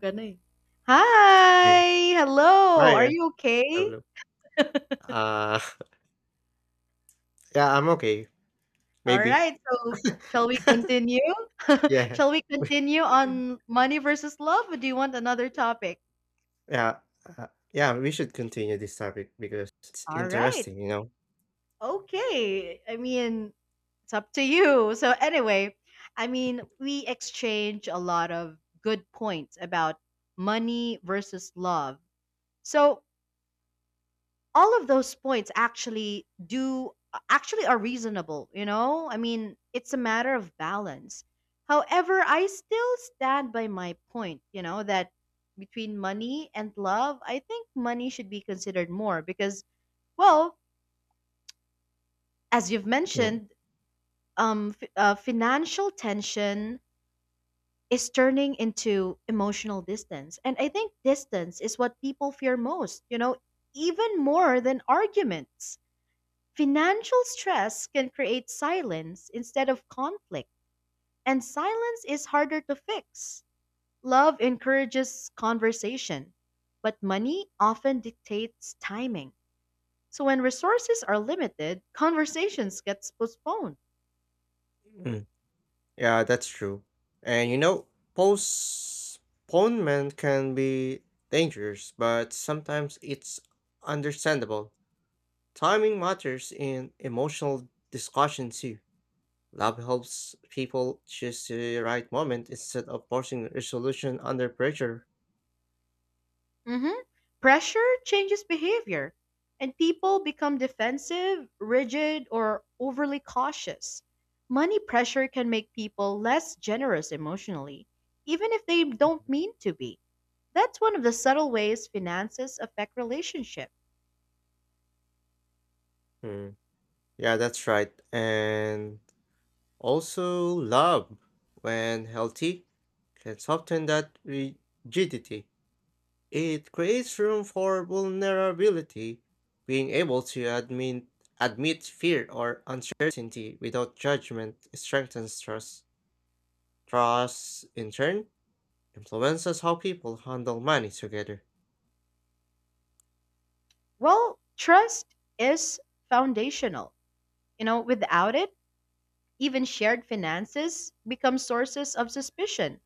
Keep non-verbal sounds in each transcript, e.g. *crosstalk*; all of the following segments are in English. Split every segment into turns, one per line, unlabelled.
Gana, eh.
Mm.
Hi!
Oh,
Hello! Are
yeah,
you okay?
problem. Uh, *laughs* yeah, I'm okay,
All
maybe.
right, so shall we
*laughs*
continue? *laughs*
Yeah.
Shall we
We
continue on money versus love, or do you want another topic?
yeah, uh, yeah, we should continue this topic because it's
All right.
interesting,
Okay. I mean, it's up to you. So, anyway, I mean, we exchange a lot of good points about money versus love. So, all of those points actually are reasonable, I mean it's a matter of balance. However, I still stand by my point, that between money and love I think money should be considered more because, well, as you've
Mm.
mentioned, financial tension is turning into emotional distance. And I think distance is what people fear most, even more than arguments. Financial stress can create silence instead of conflict, and silence is harder to fix. Love encourages conversation, but money often dictates timing. So when resources are limited, conversations get postponed.
Mm. Yeah, that's true. And you know, postponement can be dangerous, but sometimes it's understandable. Timing matters in emotional discussion too. Love helps people choose the right moment instead of forcing resolution under pressure.
Mhm. Pressure changes behavior, and people become defensive, rigid, or overly cautious. Money pressure can make people less generous emotionally, even if they don't mean to be. That's one of the subtle ways finances affect relationship.
Mm, yeah, that's right. And also, love, when healthy, can soften that rigidity. It creates room for vulnerability, being able to admit fear or uncertainty without judgment strengthens trust. Trust, in turn, influences how people handle money together.
Well, trust is foundational. Without it, even shared finances become sources of suspicion.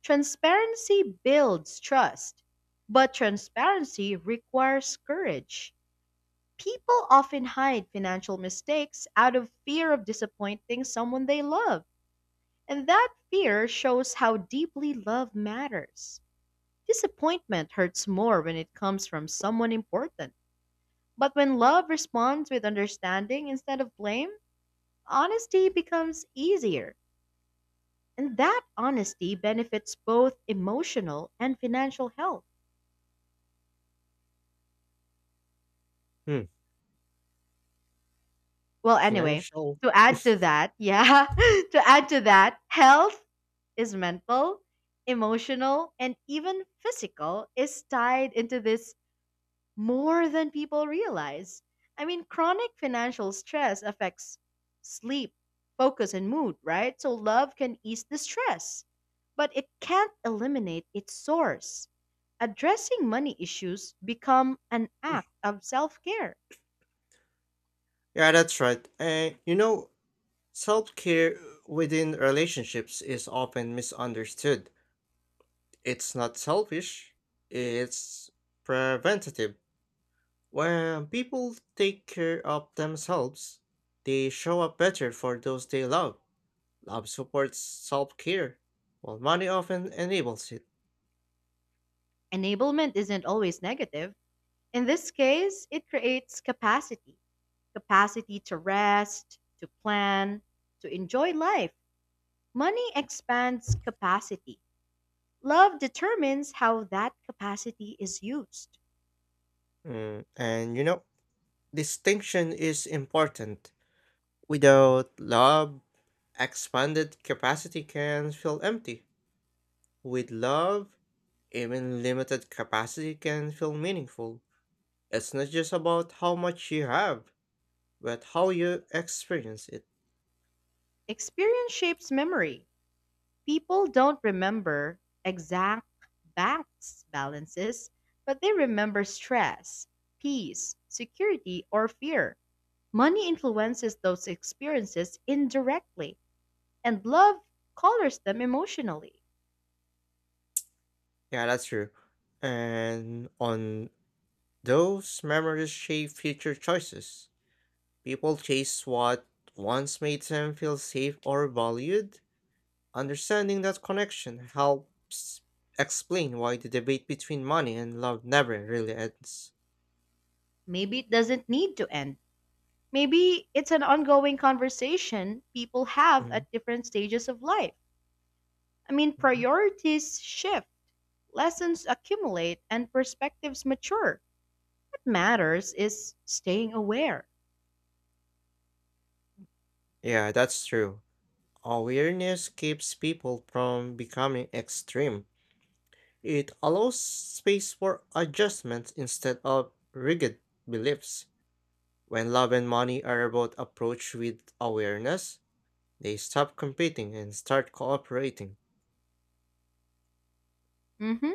Transparency builds trust, but transparency requires courage. People often hide financial mistakes out of fear of disappointing someone they love, and that fear shows how deeply love matters. Disappointment hurts more when it comes from someone important. But when love responds with understanding instead of blame, honesty becomes easier. And that honesty benefits both emotional and financial health.
Hmm,
Well, anyway,
financial.
to add to that, yeah, *laughs* to add to that, health is mental, emotional, and even physical is tied into this more than people realize. I mean, chronic financial stress affects sleep, focus, and mood, right? So love can ease the stress, but it can't eliminate its source. Addressing money issues become an act of self-care.
Yeah, that's right. And you know, self care within relationships is often misunderstood. It's not selfish, it's preventative. When people take care of themselves, they show up better for those they love. Love supports self care, while money often enables it.
Enablement isn't always negative. In this case, it creates capacity, capacity to rest, to plan, to enjoy life. Money expands capacity. Love determines how that capacity is used.
Mm, and you know, distinction is important. Without love, expanded capacity can feel empty. With love, even limited capacity can feel meaningful. It's not just about how much you have, but how you experience it.
Experience shapes memory. People don't remember exact banks balances, but they remember stress, peace, security, or fear. Money influences those experiences indirectly, and love colors them emotionally.
Yeah, that's true. And on those memories shape future choices. People chase what once made them feel safe or valued. Understanding that connection helps explain why the debate between money and love never really ends.
Maybe it doesn't need to end. Maybe it's an ongoing conversation people have
Mm,
at different stages of life. I mean,
mhm.
priorities shift. Lessons accumulate and perspectives mature. What matters is staying aware.
Yeah, that's true. Awareness keeps people from becoming extreme. It allows space for adjustments instead of rigid beliefs. When love and money are about approach with awareness, they stop competing and start cooperating.
Hmm.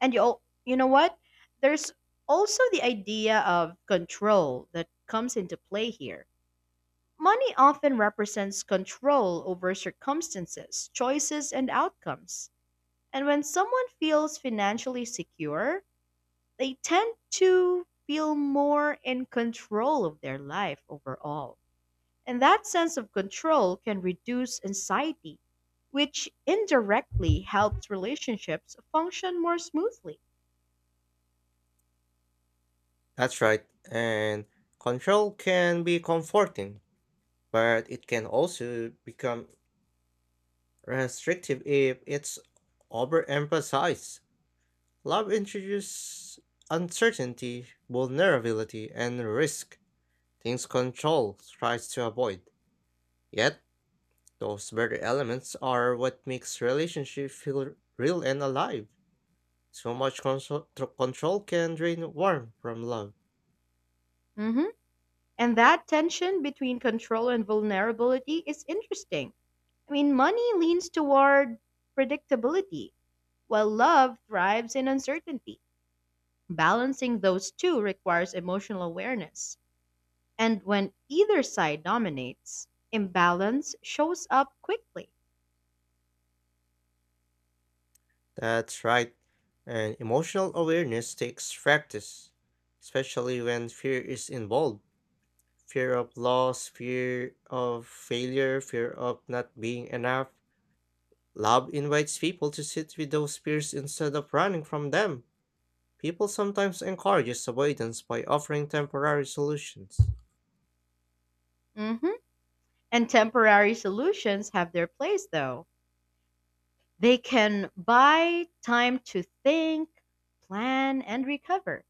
And you know what? There's also the idea of control that comes into play here. Money often represents control over circumstances, choices, and outcomes. And when someone feels financially secure, they tend to feel more in control of their life overall. And that sense of control can reduce anxiety, which indirectly helps relationships function more smoothly.
That's right. And control can be comforting, but it can also become restrictive if it's overemphasized. Love introduces uncertainty, vulnerability, and risk, things control tries to avoid. Yet, those very elements are what makes relationship feel real and alive. So much control can drain warmth from love.
Mhm. And that tension between control and vulnerability is interesting. I mean, money leans toward predictability, while love thrives in uncertainty. Balancing those two requires emotional awareness. And when either side dominates, imbalance shows up quickly.
That's right. And emotional awareness takes practice, especially when fear is involved. Fear of loss, fear of failure, fear of not being enough. Love invites people to sit with those fears instead of running from them. People sometimes encourages avoidance by offering temporary solutions.
Mhm. And temporary solutions have their place, though. They can buy time to think, plan, and recover.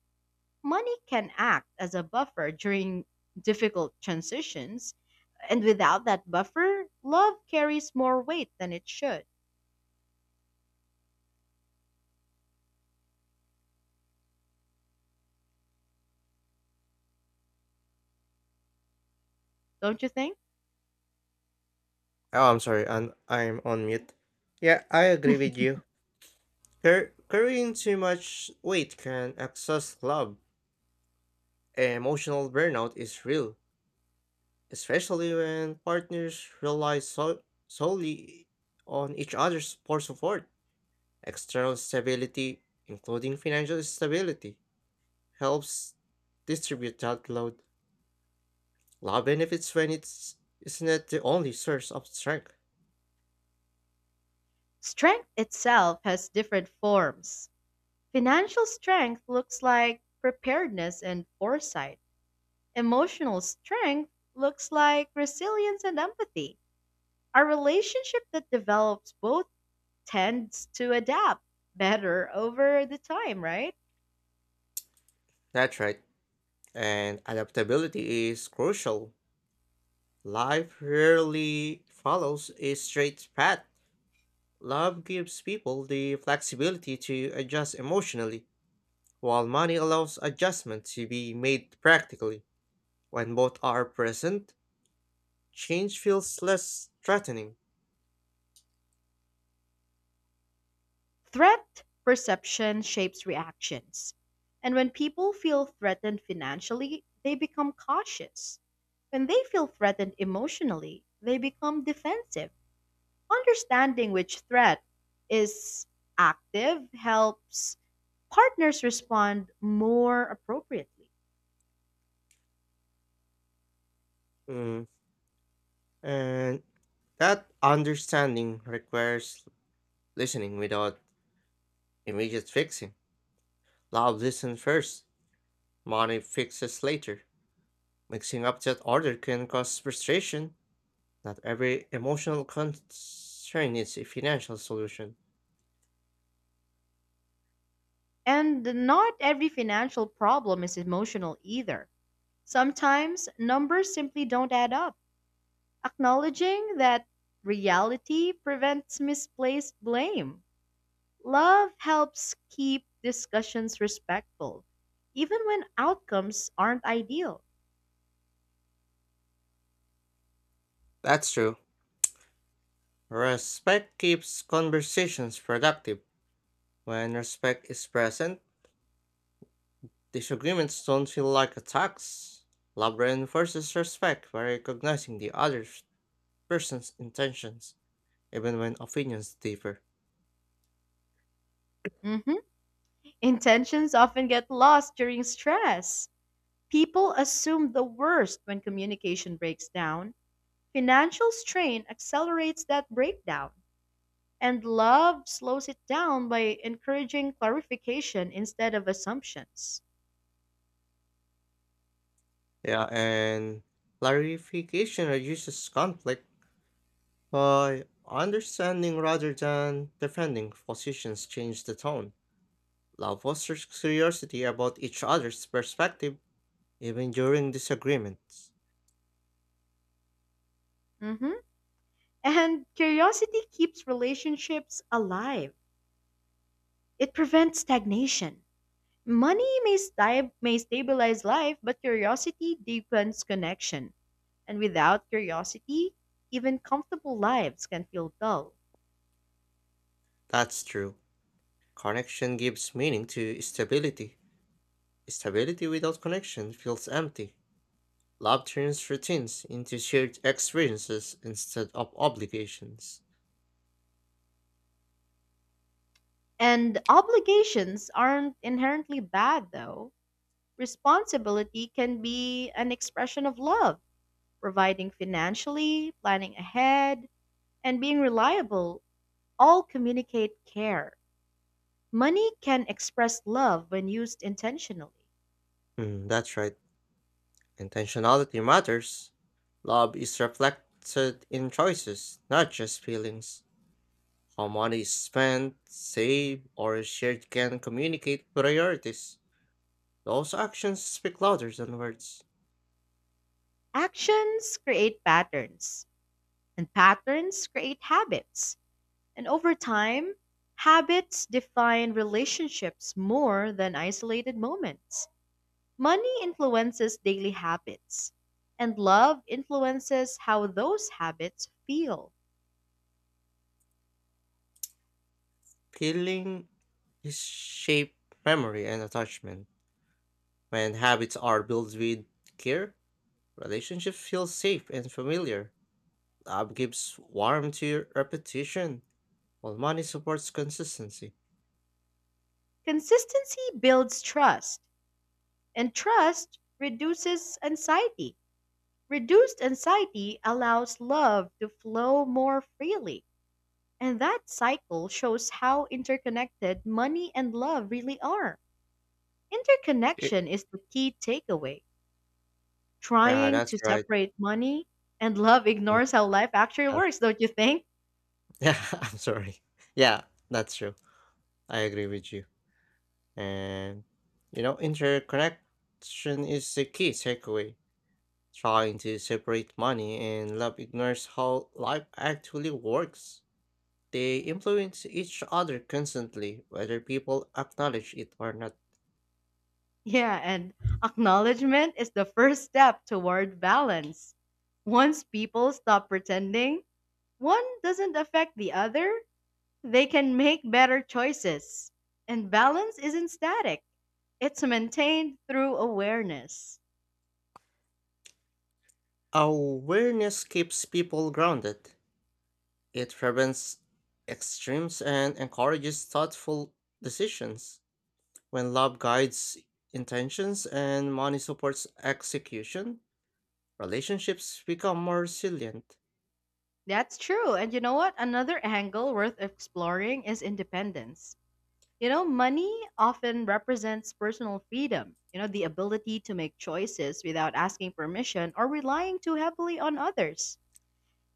Money can act as a buffer during difficult transitions, and without that buffer, love carries more weight than it should, don't you think?
Oh, I'm sorry, and I'm on mute. Yeah, I agree with you. Carrying too much weight can exhaust love. Emotional burnout is real especially when partners rely solely on each other's for support. External stability, including financial stability, helps distribute that load. Love benefits when it's not the only source of strength.
Strength itself has different forms. Financial strength looks like preparedness and foresight. Emotional strength looks like resilience and empathy. A relationship that develops both tends to adapt better over the time, right?
That's right. And adaptability is crucial. Life rarely follows a straight path. Love gives people the flexibility to adjust emotionally, while money allows adjustment to be made practically. When both are present, change feels less threatening.
Threat perception shapes reactions. And when people feel threatened financially, they become cautious. When they feel threatened emotionally, they become defensive. Understanding which threat is active helps partners respond more appropriately.
Mm, and that understanding requires listening without immediate fixing. Love listen first, money fixes later. Mixing up that order can cause frustration. Not every emotional concern is a financial solution.
And not every financial problem is emotional either. Sometimes numbers simply don't add up. Acknowledging that reality prevents misplaced blame. Love helps keep discussions respectful, even when outcomes aren't ideal.
That's true. Respect keeps conversations productive. When respect is present, disagreements don't feel like attacks. Love reinforces respect by recognizing the other person's intentions, even when opinions differ.
Mhm. Intentions often get lost during stress. People assume the worst when communication breaks down. Financial strain accelerates that breakdown. And love slows it down by encouraging clarification instead of assumptions.
Yeah, and clarification reduces conflict by understanding rather than defending positions change the tone. Love fosters curiosity about each other's perspective even during disagreements.
Mhm. And curiosity keeps relationships alive, it prevents stagnation. Money may stabilize life, but curiosity deepens connection. And without curiosity, even comfortable lives can feel dull.
That's true. Connection gives meaning to stability. Stability without connection feels empty. Love turns routines into shared experiences instead of obligations.
And obligations aren't inherently bad, though. Responsibility can be an expression of love: providing financially, planning ahead, and being reliable all communicate care. Money can express love when used intentionally.
Hmm, that's right. Intentionality matters. Love is reflected in choices, not just feelings. How money is spent, saved, or shared can communicate priorities. Those actions speak louder than words.
Actions create patterns, and patterns create habits. And over time, habits define relationships more than isolated moments. Money influences daily habits, and love influences how those habits feel.
Feeling is shape memory and attachment. When habits are built with care, relationship feels safe and familiar. Love gives warmth to repetition, while money supports consistency.
Consistency builds trust. And trust reduces anxiety. Reduced anxiety allows love to flow more freely. And that cycle shows how interconnected money and love really are.
Y-
Interconnection is the key takeaway.
Yeah,
Trying
that's
to
right.
separate money and love
Mm,
ignores how life actually
yes.
works, don't you think? *laughs*
*laughs* Yeah, I'm sorry. Yeah, that's true. I agree with you. And you know, interconnection is the key takeaway. Trying to separate money and love ignores how life actually works. They influence each other constantly, whether people acknowledge it or not.
Yeah, and acknowledgement is the first step toward balance. Once people stop pretending, one doesn't affect the other, they can make better choices. And balance isn't static, it's maintained through awareness.
Awareness keeps people grounded. It prevents extremes and encourages thoughtful decisions. When love guides intentions and money supports execution, relationships become more resilient.
That's true. And you know what? Another angle worth exploring is independence. Money often represents personal freedom, the ability to make choices without asking permission or relying too heavily on others.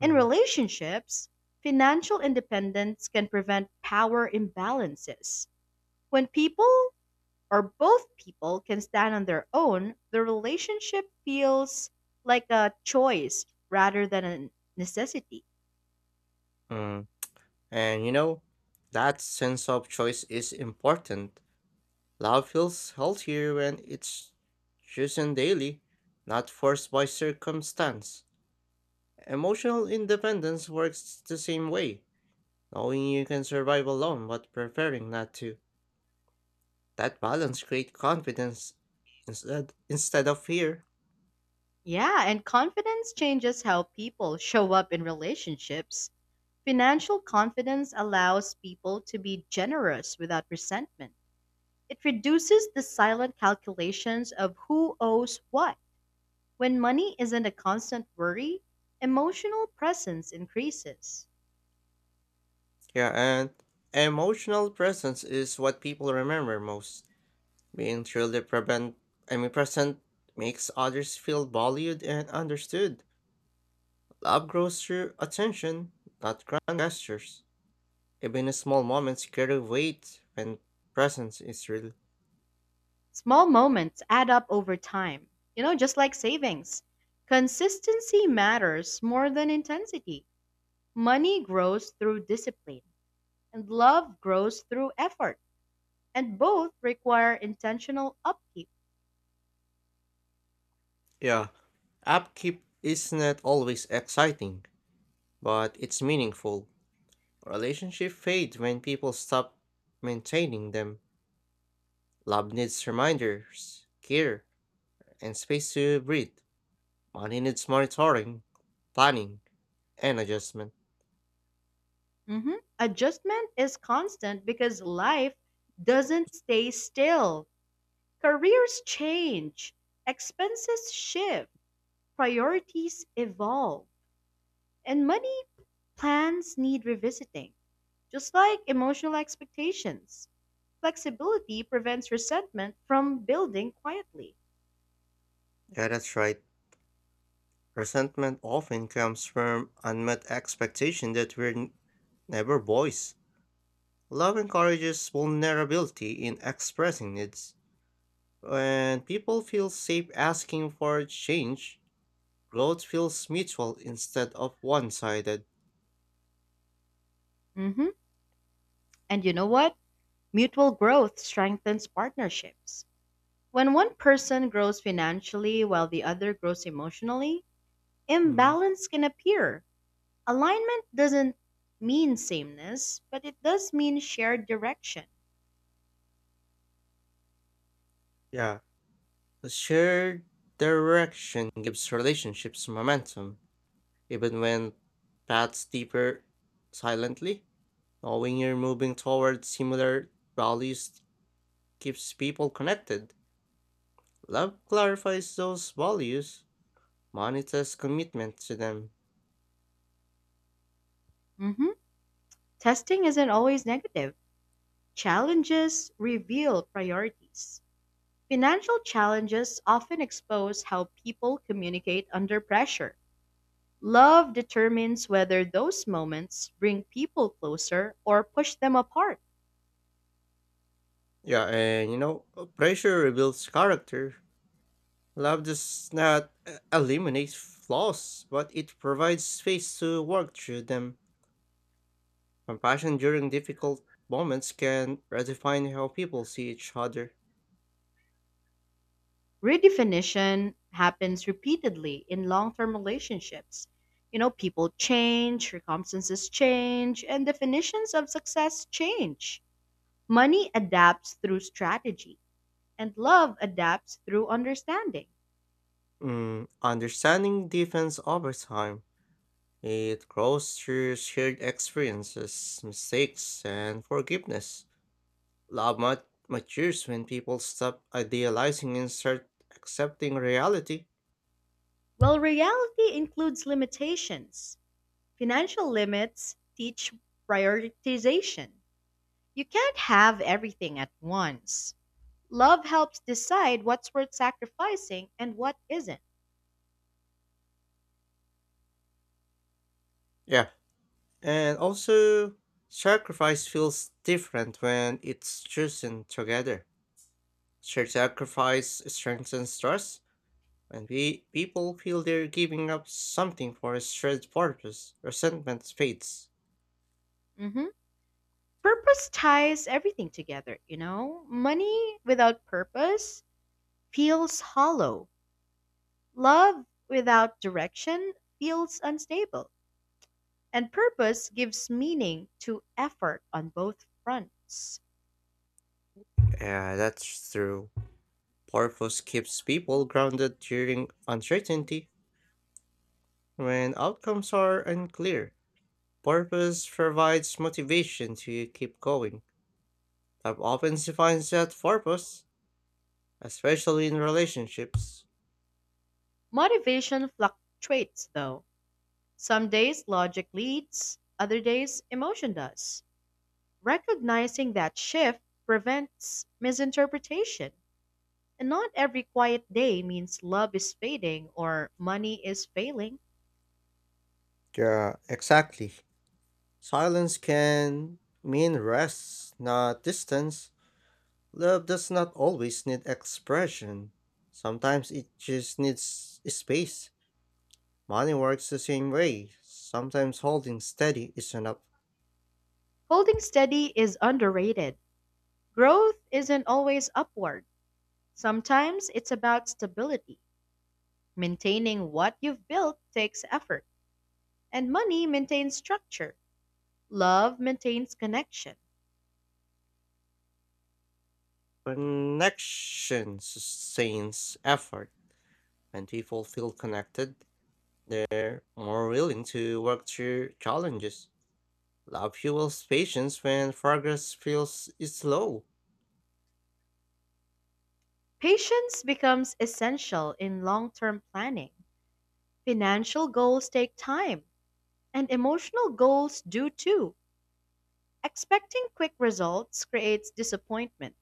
In
Mm.
relationships, financial independence can prevent power imbalances. When people or both people can stand on their own, the relationship feels like a choice rather than a necessity.
Mm. And you know, that sense of choice is important. Love feels healthier when it's chosen daily, not forced by circumstance. Emotional independence works the same way, knowing you can survive alone but preferring not to. That balance creates confidence instead of fear.
Yeah, and confidence changes how people show up in relationships. Financial confidence allows people to be generous without resentment. It reduces the silent calculations of who owes what. When money isn't a constant worry, emotional presence increases.
Yeah, and emotional presence is what people remember most. Being truly present makes others feel valued and understood. Love grows through attention, not grand gestures. Even small moments carry weight when presence is real.
Small moments add up over time, just like savings. Consistency matters more than intensity. Money grows through discipline, and love grows through effort, and both require intentional upkeep.
Yeah, upkeep is not always exciting, but it's meaningful. Relationships fade when people stop maintaining them. Love needs reminders, care, and space to breathe. Money needs monitoring, planning, and adjustment.
Mhm. Adjustment is constant because life doesn't stay still. Careers change, expenses shift, priorities evolve, and money plans need revisiting. Just like emotional expectations, flexibility prevents resentment from building quietly.
Yeah, that's right. Resentment often comes from unmet expectation that we're never boys. Love encourages vulnerability in expressing needs. When people feel safe asking for change, growth feels mutual instead of one sided.
Hmm. And you know what? Mutual growth strengthens partnerships. When one person grows financially while the other grows emotionally, imbalance can appear. Alignment doesn't mean sameness, but it does mean shared direction.
Yeah, a shared direction gives relationships momentum. Even when paths deeper silently, knowing you're moving toward similar values keeps people connected. Love clarifies those values, monitors commitment to them.
Hmm. Testing isn't always negative, challenges reveal priorities. Financial challenges often expose how people communicate under pressure. Love determines whether those moments bring people closer or push them apart.
Yeah, and you know, pressure rebuilds character. Love does not eliminate flaws, but it provides space to work through them. Compassion during difficult moments can redefine how people see each other.
Redefinition happens repeatedly in long term relationships. People change, circumstances change, and definitions of success change. Money adapts through strategy, and love adapts through understanding.
Mm, understanding defense over time, it grows through shared experiences, mistakes, and forgiveness. Love matures when people stop idealizing and start accepting reality.
Well, reality includes limitations. Financial limits teach prioritization. You can't have everything at once. Love helps decide what's worth sacrificing and what isn't.
Yeah, and also sacrifice feels different when it's chosen together. Shared sacrifice strengthens trust. When people feel they're giving up something for a shared purpose, resentment fades.
Mhm. Purpose ties everything together, you know? Money without purpose feels hollow. Love without direction feels unstable. And purpose gives meaning to effort on both fronts.
Yeah, that's true. Purpose keeps people grounded during uncertainty. When outcomes are unclear, purpose provides motivation to keep going. Love often defines that purpose, especially in relationships.
Motivation fluctuates, though. Some days logic leads, other days emotion does. Recognizing that shift prevents misinterpretation. And not every quiet day means love is fading or money is failing.
Yeah, exactly. Silence can mean rest, not distance. Love does not always need expression. Sometimes it just needs space. Money works the same way. Sometimes holding steady is enough.
Holding steady is underrated. Growth isn't always upward, sometimes it's about stability. Maintaining what you've built takes effort, and money maintains structure, love maintains connection.
Connection sustains effort. When people feel connected, they're more willing to work through challenges. Love fuels patience when progress feels slow.
Patience becomes essential in long term planning. Financial goals take time, and emotional goals do too. Expecting quick results creates disappointment.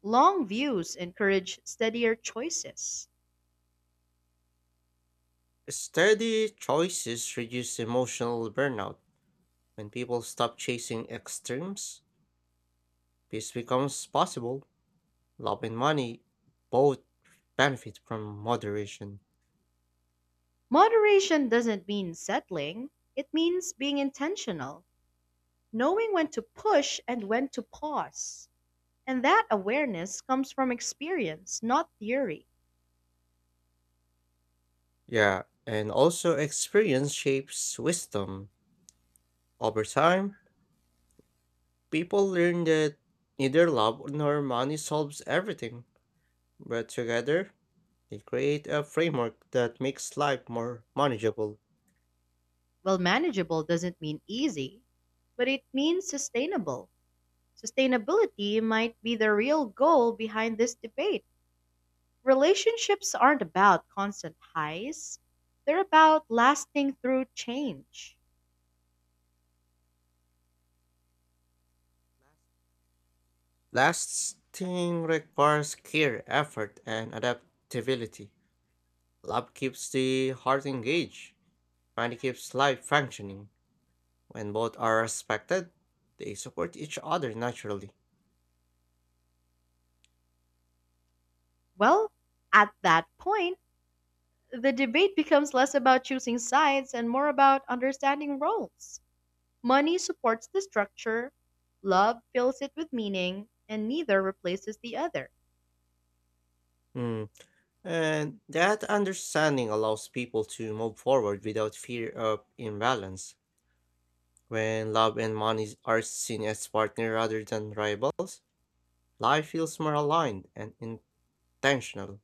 Long views encourage steadier choices.
Steady choices reduce emotional burnout. When people stop chasing extremes, peace becomes possible. Love and money both benefit from moderation.
Moderation doesn't mean settling, it means being intentional, knowing when to push and when to pause. And that awareness comes from experience, not theory.
Yeah, and also experience shapes wisdom. Over time, people learn that neither love nor money solves everything, but together they create a framework that makes life more manageable.
Well, manageable doesn't mean easy, but it means sustainable. Sustainability might be the real goal behind this debate. Relationships aren't about constant highs, they're about lasting through change.
Lasting requires care, effort, and adaptability. Love keeps the heart engaged, money keeps life functioning. When both are respected, they support each other naturally.
Well, at that point, the debate becomes less about choosing sides and more about understanding roles. Money supports the structure, love fills it with meaning, and neither replaces the other.
Hmm. And that understanding allows people to move forward without fear of imbalance. When love and money are seen as partner rather than rivals, life feels more aligned and intentional.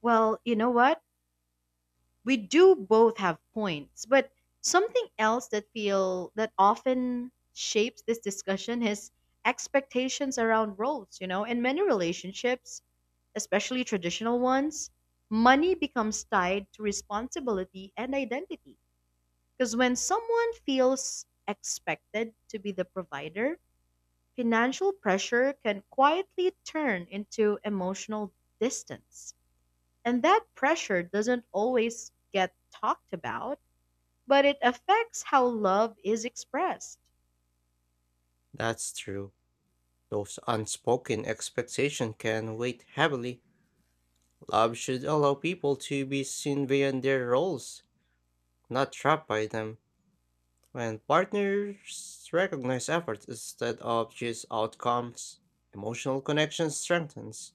Well, you know what? We do both have points, but something else that feel that often shapes this discussion is expectations around roles. In many relationships, especially traditional ones, money becomes tied to responsibility and identity. Because when someone feels expected to be the provider, financial pressure can quietly turn into emotional distance. And that pressure doesn't always get talked about, but it affects how love is expressed.
That's true. Those unspoken expectations can weigh heavily. Love should allow people to be seen beyond their roles, not trapped by them. When partners recognize efforts instead of just outcomes, emotional connection strengthens.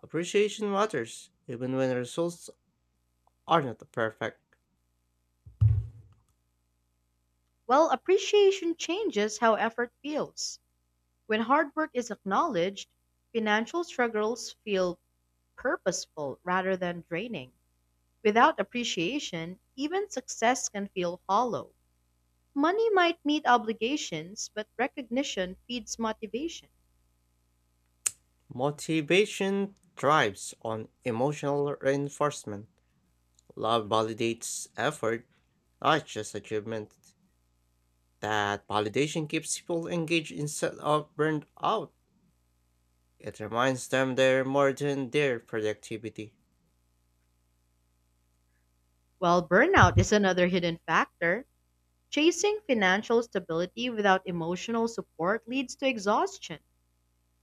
Appreciation matters, even when results are not perfect.
Well, appreciation changes how effort feels. When hard work is acknowledged, financial struggles feel purposeful rather than draining. Without appreciation, even success can feel hollow. Money might meet obligations, but recognition feeds motivation.
Motivation thrives on emotional reinforcement. Love validates effort, not just achievement. That validation keeps people engaged instead of burned out. It reminds them they're more than their productivity.
While burnout is another hidden factor, chasing financial stability without emotional support leads to exhaustion.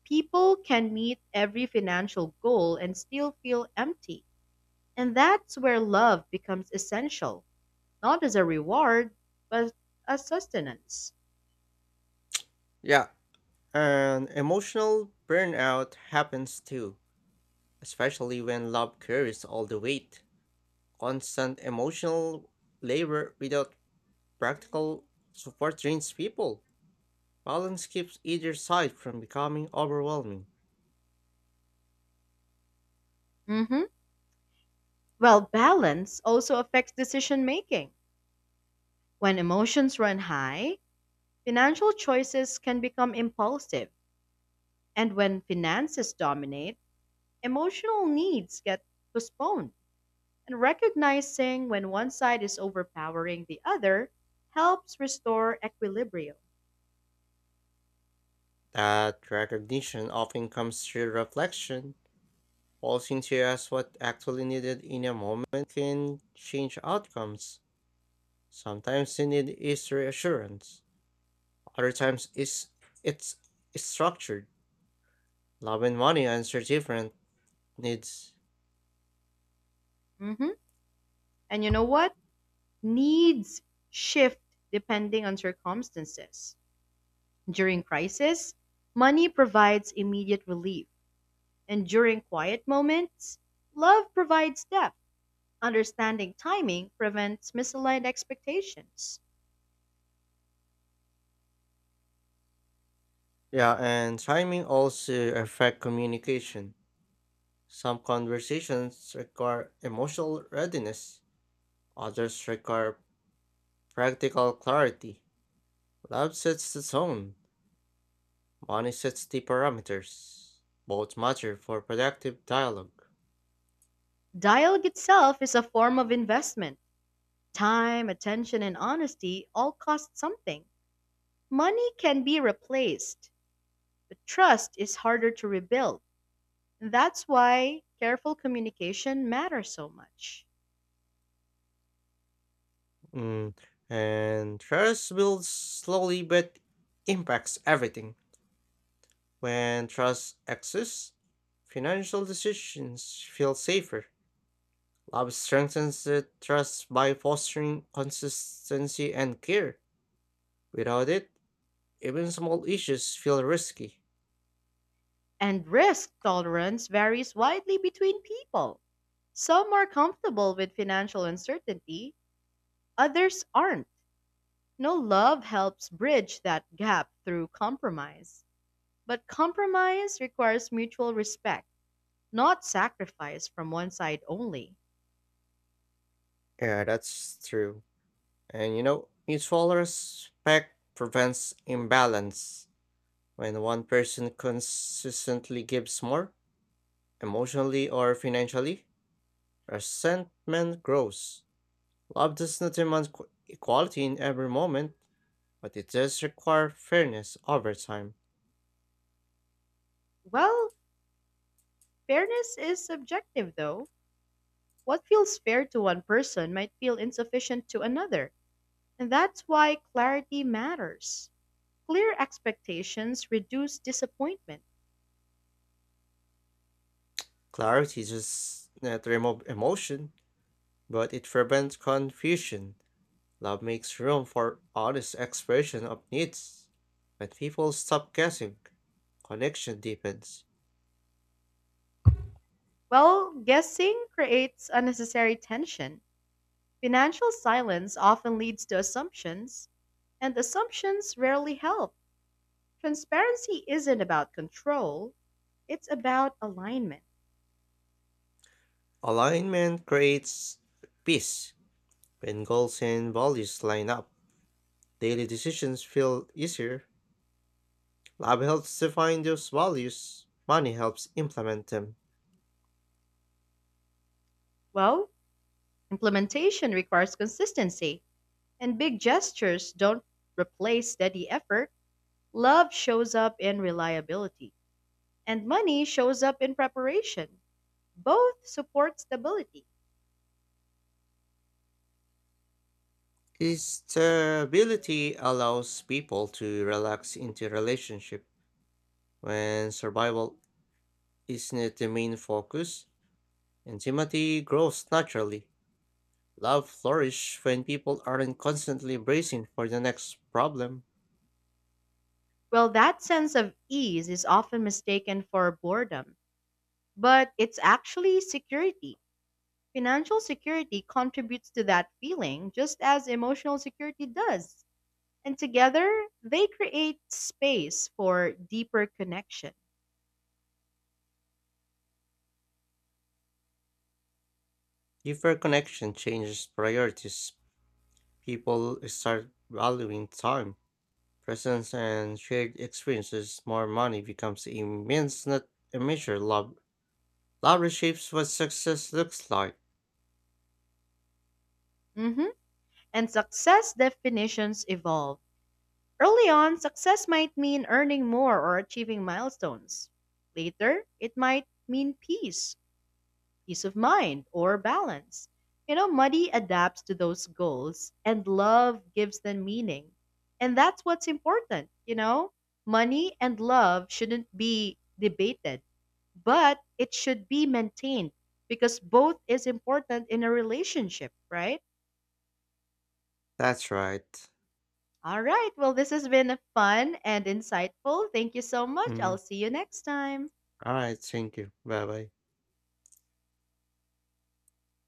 People can meet every financial goal and still feel empty. And that's where love becomes essential, not as a reward, but as sustenance.
Yeah, and emotional burnout happens too, especially when love carries all the weight. Constant emotional labor without practical support drains people. Balance keeps either side from becoming overwhelming.
Hmm. Well, balance also affects decision making. When emotions run high, financial choices can become impulsive. And when finances dominate, emotional needs get postponed. And recognizing when one side is overpowering the other helps restore equilibrium.
That recognition often comes through reflection. Pausing to ask what actually needed in a moment can change outcomes. Sometimes the need is reassurance. Other times is it's structured. Love and money answer different needs.
Hmm. And you know what? Needs shift depending on circumstances. During crisis, money provides immediate relief. And during quiet moments, love provides depth. Understanding timing prevents misaligned expectations.
Yeah, and timing also affect communication. Some conversations require emotional readiness. Others require practical clarity. Love sets the tone, money sets the parameters. Both matter for productive dialogue.
Dialogue itself is a form of investment. Time, attention, and honesty all cost something. Money can be replaced, but trust is harder to rebuild. That's why careful communication matters so much.
Mm, and trust builds slowly but impacts everything. When trust exists, financial decisions feel safer. Love strengthens the trust by fostering consistency and care. Without it, even small issues feel risky.
And risk tolerance varies widely between people. Some are comfortable with financial uncertainty, others aren't. No, love helps bridge that gap through compromise. But compromise requires mutual respect, not sacrifice from one side only.
Yeah, that's true. And you know, mutual respect prevents imbalance. When one person consistently gives more, emotionally or financially, resentment grows. Love does not demand equality in every moment, but it does require fairness over time.
Well, fairness is subjective though. What feels fair to one person might feel insufficient to another. And that's why clarity matters. Clear expectations reduce disappointment,
Clarity does not remove emotion, but it prevents confusion. Love makes room for honest expression of needs. When people stop guessing, connection deepens.
while guessing creates unnecessary tension. Financial silence often leads to assumptions, and assumptions rarely help. Transparency isn't about control, it's about alignment.
Alignment creates peace. When goals and values line up, daily decisions feel easier. Love helps define those values, money helps implement them.
Well, implementation requires consistency, and big gestures don't replace steady effort. Love shows up in reliability, and money shows up in preparation. Both support stability.
Stability allows people to relax into relationship. When survival isn't the main focus, intimacy grows naturally. Love flourishes when people aren't constantly bracing for the next problem.
Well, that sense of ease is often mistaken for boredom, but it's actually security. Financial security contributes to that feeling just as emotional security does. And together, they create space for deeper connection.
Deeper connection changes priorities. People start valuing time, presence, and shared experiences. More money becomes a means, not a measure. Love reshapes what success looks like.
Mhm. And success definitions evolve. Early on, success might mean earning more or achieving milestones. Later, it might mean peace of mind or balance. Money adapts to those goals and love gives them meaning. And that's what's important, you know? Money and love shouldn't be debated, but it should be maintained because both is important in a relationship, right?
That's right.
All right. Well, this has been fun and insightful. Thank you so much. I'll
Mm.
see you next time.
All right. Thank you. Bye bye.